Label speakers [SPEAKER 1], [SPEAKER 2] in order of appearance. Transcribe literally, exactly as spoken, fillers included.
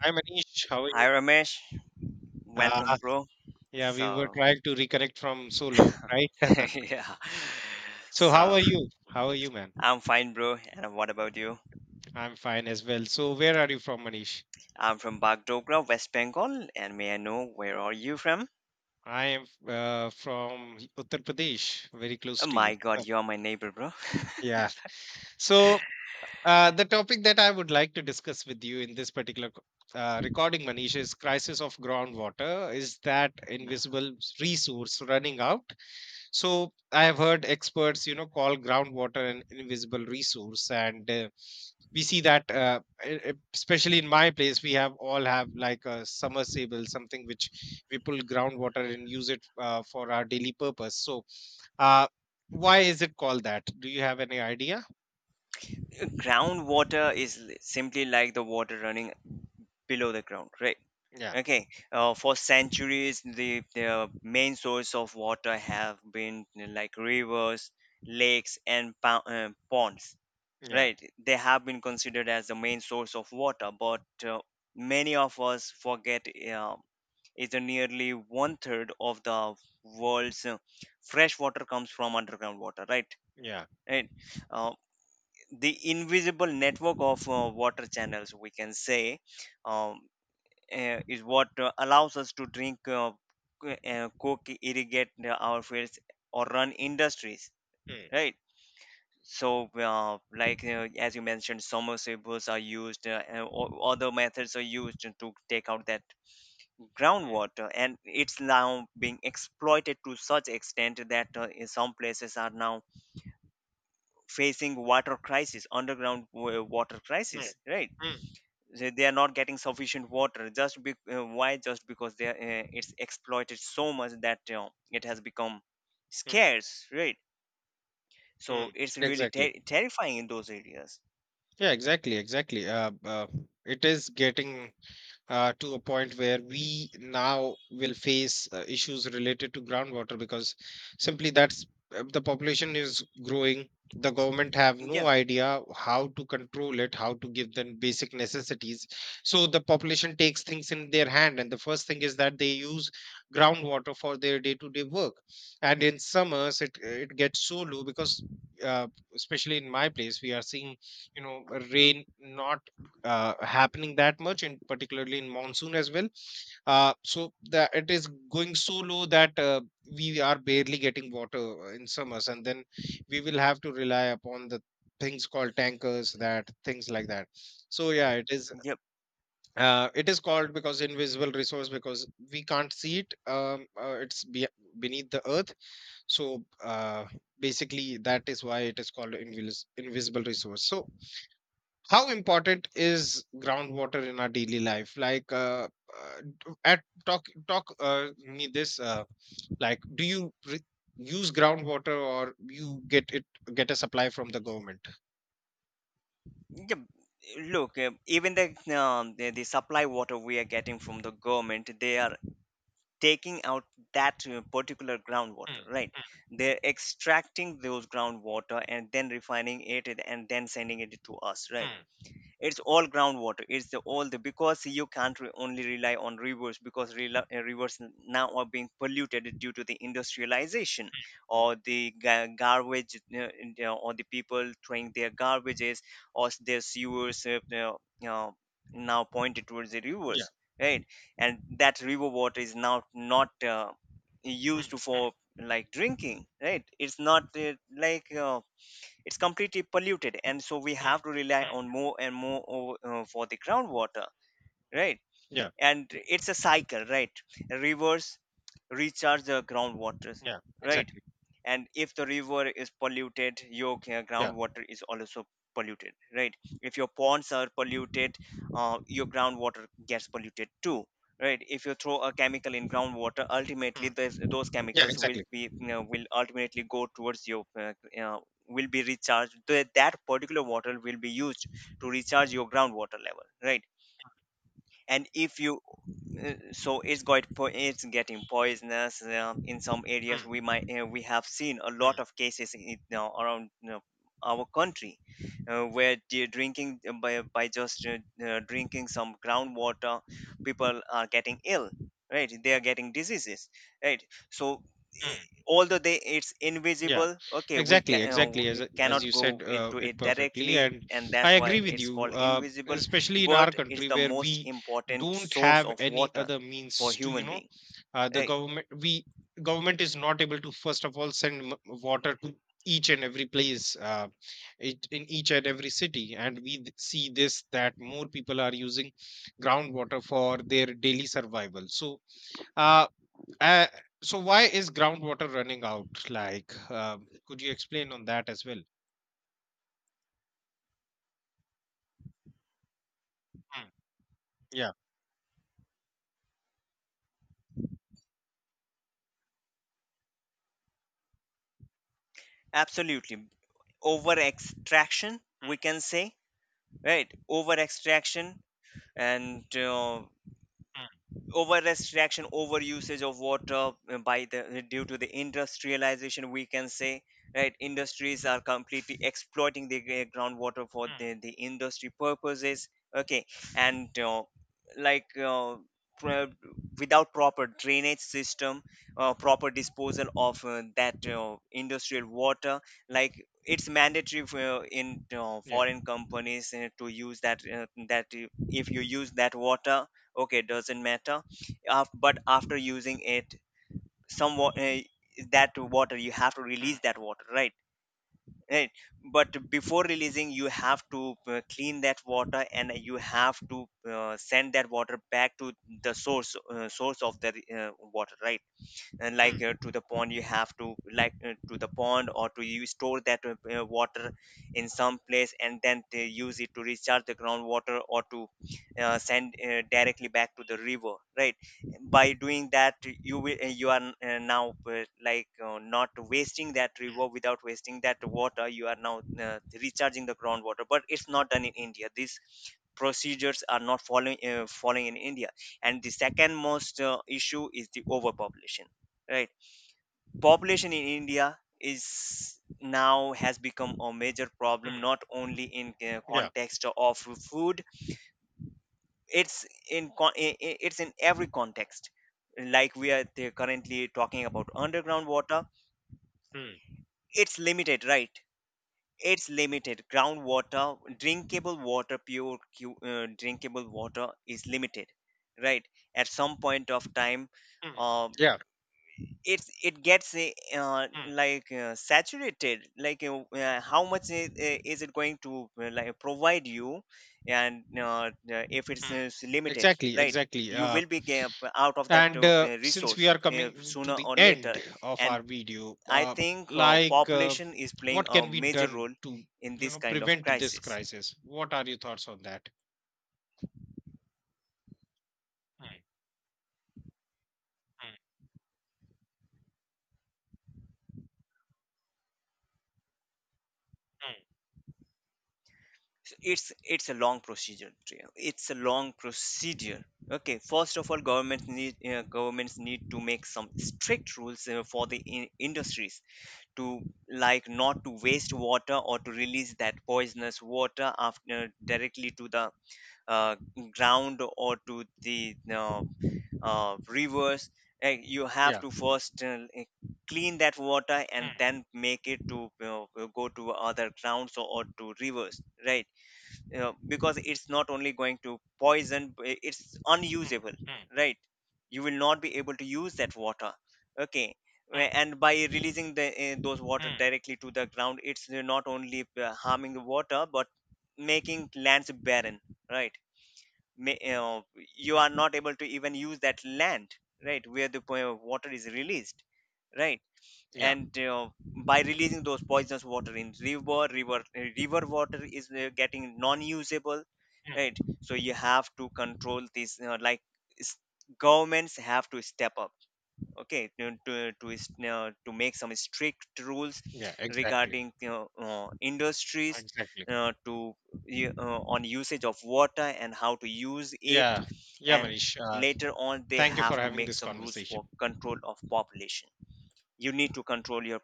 [SPEAKER 1] Hi Manish, how are
[SPEAKER 2] Hi
[SPEAKER 1] you?
[SPEAKER 2] Ramesh,
[SPEAKER 1] Uh,
[SPEAKER 2] welcome bro.
[SPEAKER 1] yeah, we were
[SPEAKER 2] So
[SPEAKER 1] trying to reconnect from so long, right?
[SPEAKER 2] yeah.
[SPEAKER 1] So
[SPEAKER 2] So
[SPEAKER 1] how are you? How are you, man?
[SPEAKER 2] I'm fine bro and what about you?
[SPEAKER 1] I'm fine as well. So where are you from, Manish?
[SPEAKER 2] I'm from Bagdogra, West Bengal and may I know where are you from?
[SPEAKER 1] I am uh, from Uttar Pradesh, very
[SPEAKER 2] Oh
[SPEAKER 1] close to
[SPEAKER 2] my
[SPEAKER 1] you.
[SPEAKER 2] god, you are my neighbor bro.
[SPEAKER 1] Yeah. So uh, the topic that I would like to discuss with you in this particular co- uh, recording, Manish, is crisis of groundwater. Is that
[SPEAKER 2] Yeah.
[SPEAKER 1] invisible resource running out? so i have heard experts, you know, call groundwater an invisible resource, and uh, we see that uh, e- e- especially in my place we have all have like a submersible something which we pull groundwater and use it uh, for our daily purpose. So uh, why is it called that? Do you have any idea?
[SPEAKER 2] Groundwater is li- simply like the water running below the ground, right?
[SPEAKER 1] Yeah.
[SPEAKER 2] Okay, uh, for centuries, the, the main source of water have been like rivers, lakes, and pou- uh, ponds.
[SPEAKER 1] Yeah.
[SPEAKER 2] Right, they have been considered as the main source of water, but uh, many of us forget uh, is that nearly one third of the world's uh, fresh water comes from underground water, right?
[SPEAKER 1] Yeah.
[SPEAKER 2] Right. Uh, the invisible network of uh, water channels, we can say, um, uh, is what uh, allows us to drink, uh, co- uh, cook, irrigate uh, our fields, or run industries,
[SPEAKER 1] Mm,
[SPEAKER 2] right? So, uh, like uh, as you mentioned, submersibles are used, uh, and o- other methods are used to take out that
[SPEAKER 1] mm,
[SPEAKER 2] groundwater, and it's now being exploited to such extent that uh, in some places are now facing water crisis, underground wa- water
[SPEAKER 1] mm,
[SPEAKER 2] crisis. Right?
[SPEAKER 1] mm,
[SPEAKER 2] They they are not getting sufficient water. Just be- uh, why? Just because they are, uh, it's exploited so much that uh, it has become
[SPEAKER 1] mm,
[SPEAKER 2] scarce. Right?
[SPEAKER 1] mm.
[SPEAKER 2] So it's really
[SPEAKER 1] Exactly.
[SPEAKER 2] ter- terrifying in those areas.
[SPEAKER 1] Yeah, exactly, exactly. Uh, uh, it is getting uh, to a point where we now will face uh, issues related to groundwater, because simply that's uh, the population is growing. The government have no
[SPEAKER 2] Yeah.
[SPEAKER 1] idea how to control it, how to give them basic necessities. So the population takes things in their hand, and the first thing is that they use groundwater for their day to day work. And in summers it it gets so low because uh, especially in my place we are seeing, you know, rain not uh, happening that much, and particularly in monsoon as well. Uh, so that it is going so low that uh, we are barely getting water uh, in summers, and then we will have to rely upon the things called tankers, that things like that. So yeah, it is
[SPEAKER 2] Yeah,
[SPEAKER 1] uh, it is called because invisible resource, because we can't see it, um, uh, it's be- beneath the earth. So uh, basically that is why it is called invis- invisible resource. So how important is groundwater in our daily life? Like uh, uh, d- at talk talk uh, me this. Uh, like, do you re- use groundwater, or you get it, get a supply from the government?
[SPEAKER 2] yeah, look, uh, even the, um, the the supply water we are getting from the government, they are taking out that uh, particular groundwater,
[SPEAKER 1] Mm,
[SPEAKER 2] right? They're extracting those groundwater and then refining it and then sending it to us,
[SPEAKER 1] mm,
[SPEAKER 2] right?
[SPEAKER 1] mm,
[SPEAKER 2] It's all groundwater, it's the all the, because you can't re- only rely on rivers, because rela- uh, rivers n- now are being polluted due to the industrialization, or the ga- garbage, uh, in- uh, or the people throwing their garbages, or s- their sewers uh, uh, uh, now pointed towards the
[SPEAKER 1] yeah,
[SPEAKER 2] rivers, right? And that river water is now not uh,
[SPEAKER 1] mm,
[SPEAKER 2] used for like drinking, right? It's not uh, like uh, it's completely polluted, and so we
[SPEAKER 1] mm,
[SPEAKER 2] have to rely
[SPEAKER 1] mm.
[SPEAKER 2] on more and more o- uh, for the groundwater, right?
[SPEAKER 1] Yeah,
[SPEAKER 2] And it's a cycle, right? Rivers recharge the groundwater,
[SPEAKER 1] yeah,
[SPEAKER 2] right?
[SPEAKER 1] exactly.
[SPEAKER 2] And if the river is polluted, your g-
[SPEAKER 1] Yeah.
[SPEAKER 2] groundwater is also polluted, right? If your ponds are polluted, uh, your groundwater gets polluted too, right? If you throw a chemical in groundwater, ultimately
[SPEAKER 1] Mm,
[SPEAKER 2] those, those
[SPEAKER 1] yeah,
[SPEAKER 2] chemicals will
[SPEAKER 1] exactly.
[SPEAKER 2] be, you know, will ultimately go towards your uh, you will be recharged. Th- that particular water will be used to recharge your groundwater level, right? And if you, uh, so it's got po- it's getting poisonous. Um, in some areas
[SPEAKER 1] Hmm,
[SPEAKER 2] we might uh, we have seen a lot of cases in, you know, around, you know, our country, uh, where they drinking uh, by, by just uh, uh, drinking some groundwater, people are getting ill, right? They are getting diseases, right? so eh,
[SPEAKER 1] hmm.
[SPEAKER 2] although they, it's
[SPEAKER 1] Yeah,
[SPEAKER 2] invisible, okay, we can
[SPEAKER 1] exactly,
[SPEAKER 2] uh,
[SPEAKER 1] exactly. As
[SPEAKER 2] we
[SPEAKER 1] as
[SPEAKER 2] cannot
[SPEAKER 1] you
[SPEAKER 2] go
[SPEAKER 1] said,
[SPEAKER 2] it
[SPEAKER 1] uh,
[SPEAKER 2] to
[SPEAKER 1] it
[SPEAKER 2] it
[SPEAKER 1] perfectly,
[SPEAKER 2] directly,
[SPEAKER 1] and
[SPEAKER 2] and
[SPEAKER 1] I
[SPEAKER 2] that's why
[SPEAKER 1] agree with
[SPEAKER 2] it's
[SPEAKER 1] you.
[SPEAKER 2] called
[SPEAKER 1] Uh,
[SPEAKER 2] invisible,
[SPEAKER 1] especially in our
[SPEAKER 2] but it's
[SPEAKER 1] country
[SPEAKER 2] the
[SPEAKER 1] where
[SPEAKER 2] most
[SPEAKER 1] we
[SPEAKER 2] important
[SPEAKER 1] don't
[SPEAKER 2] source
[SPEAKER 1] have
[SPEAKER 2] of
[SPEAKER 1] any
[SPEAKER 2] water
[SPEAKER 1] other
[SPEAKER 2] for
[SPEAKER 1] means to, you
[SPEAKER 2] human
[SPEAKER 1] know,
[SPEAKER 2] being,
[SPEAKER 1] uh, the
[SPEAKER 2] right?
[SPEAKER 1] government we government is not able to first of all send m- water to each and every place, uh, it, in each and every city, and we th- see this that more people are using groundwater for their daily survival. So. Uh, uh, so why is groundwater running out? Like, um, could you explain on that as well? Mm. Yeah.
[SPEAKER 2] Absolutely. Over extraction, we can say, right? Over extraction, and uh,
[SPEAKER 1] Mm,
[SPEAKER 2] overrest reaction, over usage of water, uh, by the uh, due to the industrialization, we can say, right? Industries are completely exploiting the gr- groundwater for
[SPEAKER 1] mm.
[SPEAKER 2] the, the industry purposes, okay? And uh, like uh, pro- without proper drainage system, uh, proper disposal of uh, that uh, industrial water, like, it's mandatory for, in uh,
[SPEAKER 1] Yeah.
[SPEAKER 2] foreign companies uh, to use that uh, that uh, if you use that water, okay, doesn't matter. Af- but after using it, some wa- eh, that water you have to release
[SPEAKER 1] Mm,
[SPEAKER 2] that water, right? Right, but before releasing you have to uh, clean that water, and you have to uh, send that water back to the source, uh, source of the uh, water, right? And like
[SPEAKER 1] mm,
[SPEAKER 2] uh, to the pond you have to like uh, to the pond, or to you store that uh, uh, water in some place, and then they use it to recharge the groundwater, or to uh, send uh, directly back to the river, right? By doing that you will uh, you are, uh, now uh, like uh, not wasting that river,
[SPEAKER 1] mm,
[SPEAKER 2] without wasting that water you are now uh, recharging the groundwater. But it's not done in india, these procedures are not following, uh, following in india. And the second most uh, issue is the overpopulation, right? Population in india is now has become a major problem,
[SPEAKER 1] mm.
[SPEAKER 2] not only in uh,
[SPEAKER 1] Yeah.
[SPEAKER 2] context of food, it's in con- i- i- it's in every context. Like we are t- currently talking about underground water,
[SPEAKER 1] Mm,
[SPEAKER 2] it's limited, right? It's limited groundwater. Drinkable water, pure cu- uh, drinkable water is limited, right? At some point of time,
[SPEAKER 1] mm.
[SPEAKER 2] uh,
[SPEAKER 1] Yeah.
[SPEAKER 2] it's it gets uh, uh,
[SPEAKER 1] Mm,
[SPEAKER 2] like uh, saturated, like uh, uh, how much is, eh, is it going to uh, like provide you. And uh, uh, if it's uh,
[SPEAKER 1] mm.
[SPEAKER 2] s- limited,
[SPEAKER 1] Exactly,
[SPEAKER 2] right,
[SPEAKER 1] exactly.
[SPEAKER 2] you
[SPEAKER 1] Uh,
[SPEAKER 2] will be ga- out of that
[SPEAKER 1] and
[SPEAKER 2] uh,
[SPEAKER 1] uh,
[SPEAKER 2] uh,
[SPEAKER 1] since we
[SPEAKER 2] resource
[SPEAKER 1] are
[SPEAKER 2] uh,
[SPEAKER 1] coming to
[SPEAKER 2] sooner
[SPEAKER 1] the
[SPEAKER 2] or later.
[SPEAKER 1] end of
[SPEAKER 2] And
[SPEAKER 1] our video,
[SPEAKER 2] I
[SPEAKER 1] uh,
[SPEAKER 2] think uh,
[SPEAKER 1] like, uh,
[SPEAKER 2] population is playing
[SPEAKER 1] what
[SPEAKER 2] a
[SPEAKER 1] can be
[SPEAKER 2] major
[SPEAKER 1] done
[SPEAKER 2] role
[SPEAKER 1] to,
[SPEAKER 2] in
[SPEAKER 1] you
[SPEAKER 2] this
[SPEAKER 1] know,
[SPEAKER 2] kind of
[SPEAKER 1] prevent this
[SPEAKER 2] crisis.
[SPEAKER 1] crisis? What are your thoughts on that? Mm, mm, mm,
[SPEAKER 2] So it's it's a long procedure, Priya. It's a long procedure, okay? First of all, governments need, uh, governments need to make some strict rules uh, for the in- industries to, like, not to waste water, or to release that poisonous water after uh, directly to the
[SPEAKER 1] mm.
[SPEAKER 2] uh, ground, or to the uh, uh, rivers. Uh, you have
[SPEAKER 1] Yeah.
[SPEAKER 2] to first uh, uh, clean that water and
[SPEAKER 1] Mm,
[SPEAKER 2] then make it to, you, go to other grounds, or, or to rivers, right? You know, because it's not only going to poison, I- it's
[SPEAKER 1] mm,
[SPEAKER 2] unusable,
[SPEAKER 1] mm,
[SPEAKER 2] right? You will not be able to use that water, okay?
[SPEAKER 1] mm,
[SPEAKER 2] Wh- and by releasing the uh, those water
[SPEAKER 1] mm.
[SPEAKER 2] directly to the ground, it's uh, not only uh, harming the water, but making lands barren, right? Ma- you know, you are
[SPEAKER 1] Mm.
[SPEAKER 2] not able to even use that land, right, where the po- water is released, right?
[SPEAKER 1] Yeah.
[SPEAKER 2] And uh, by releasing those poisonous water in river, river, river water is uh, getting non-usable,
[SPEAKER 1] Mm.
[SPEAKER 2] right? So you have to control this, uh, like s- governments have to step up, okay, to to to, is- uh, to make some strict rules
[SPEAKER 1] Yeah, exactly.
[SPEAKER 2] regarding, you know, uh, industries,
[SPEAKER 1] Exactly.
[SPEAKER 2] uh, to u- uh, on usage of water and how to use it.
[SPEAKER 1] Yeah. Yeah,
[SPEAKER 2] And
[SPEAKER 1] Manish. Uh,
[SPEAKER 2] later on they
[SPEAKER 1] thank you for
[SPEAKER 2] have to
[SPEAKER 1] having
[SPEAKER 2] make
[SPEAKER 1] this
[SPEAKER 2] some rules for
[SPEAKER 1] conversation.
[SPEAKER 2] control of population. You need to control your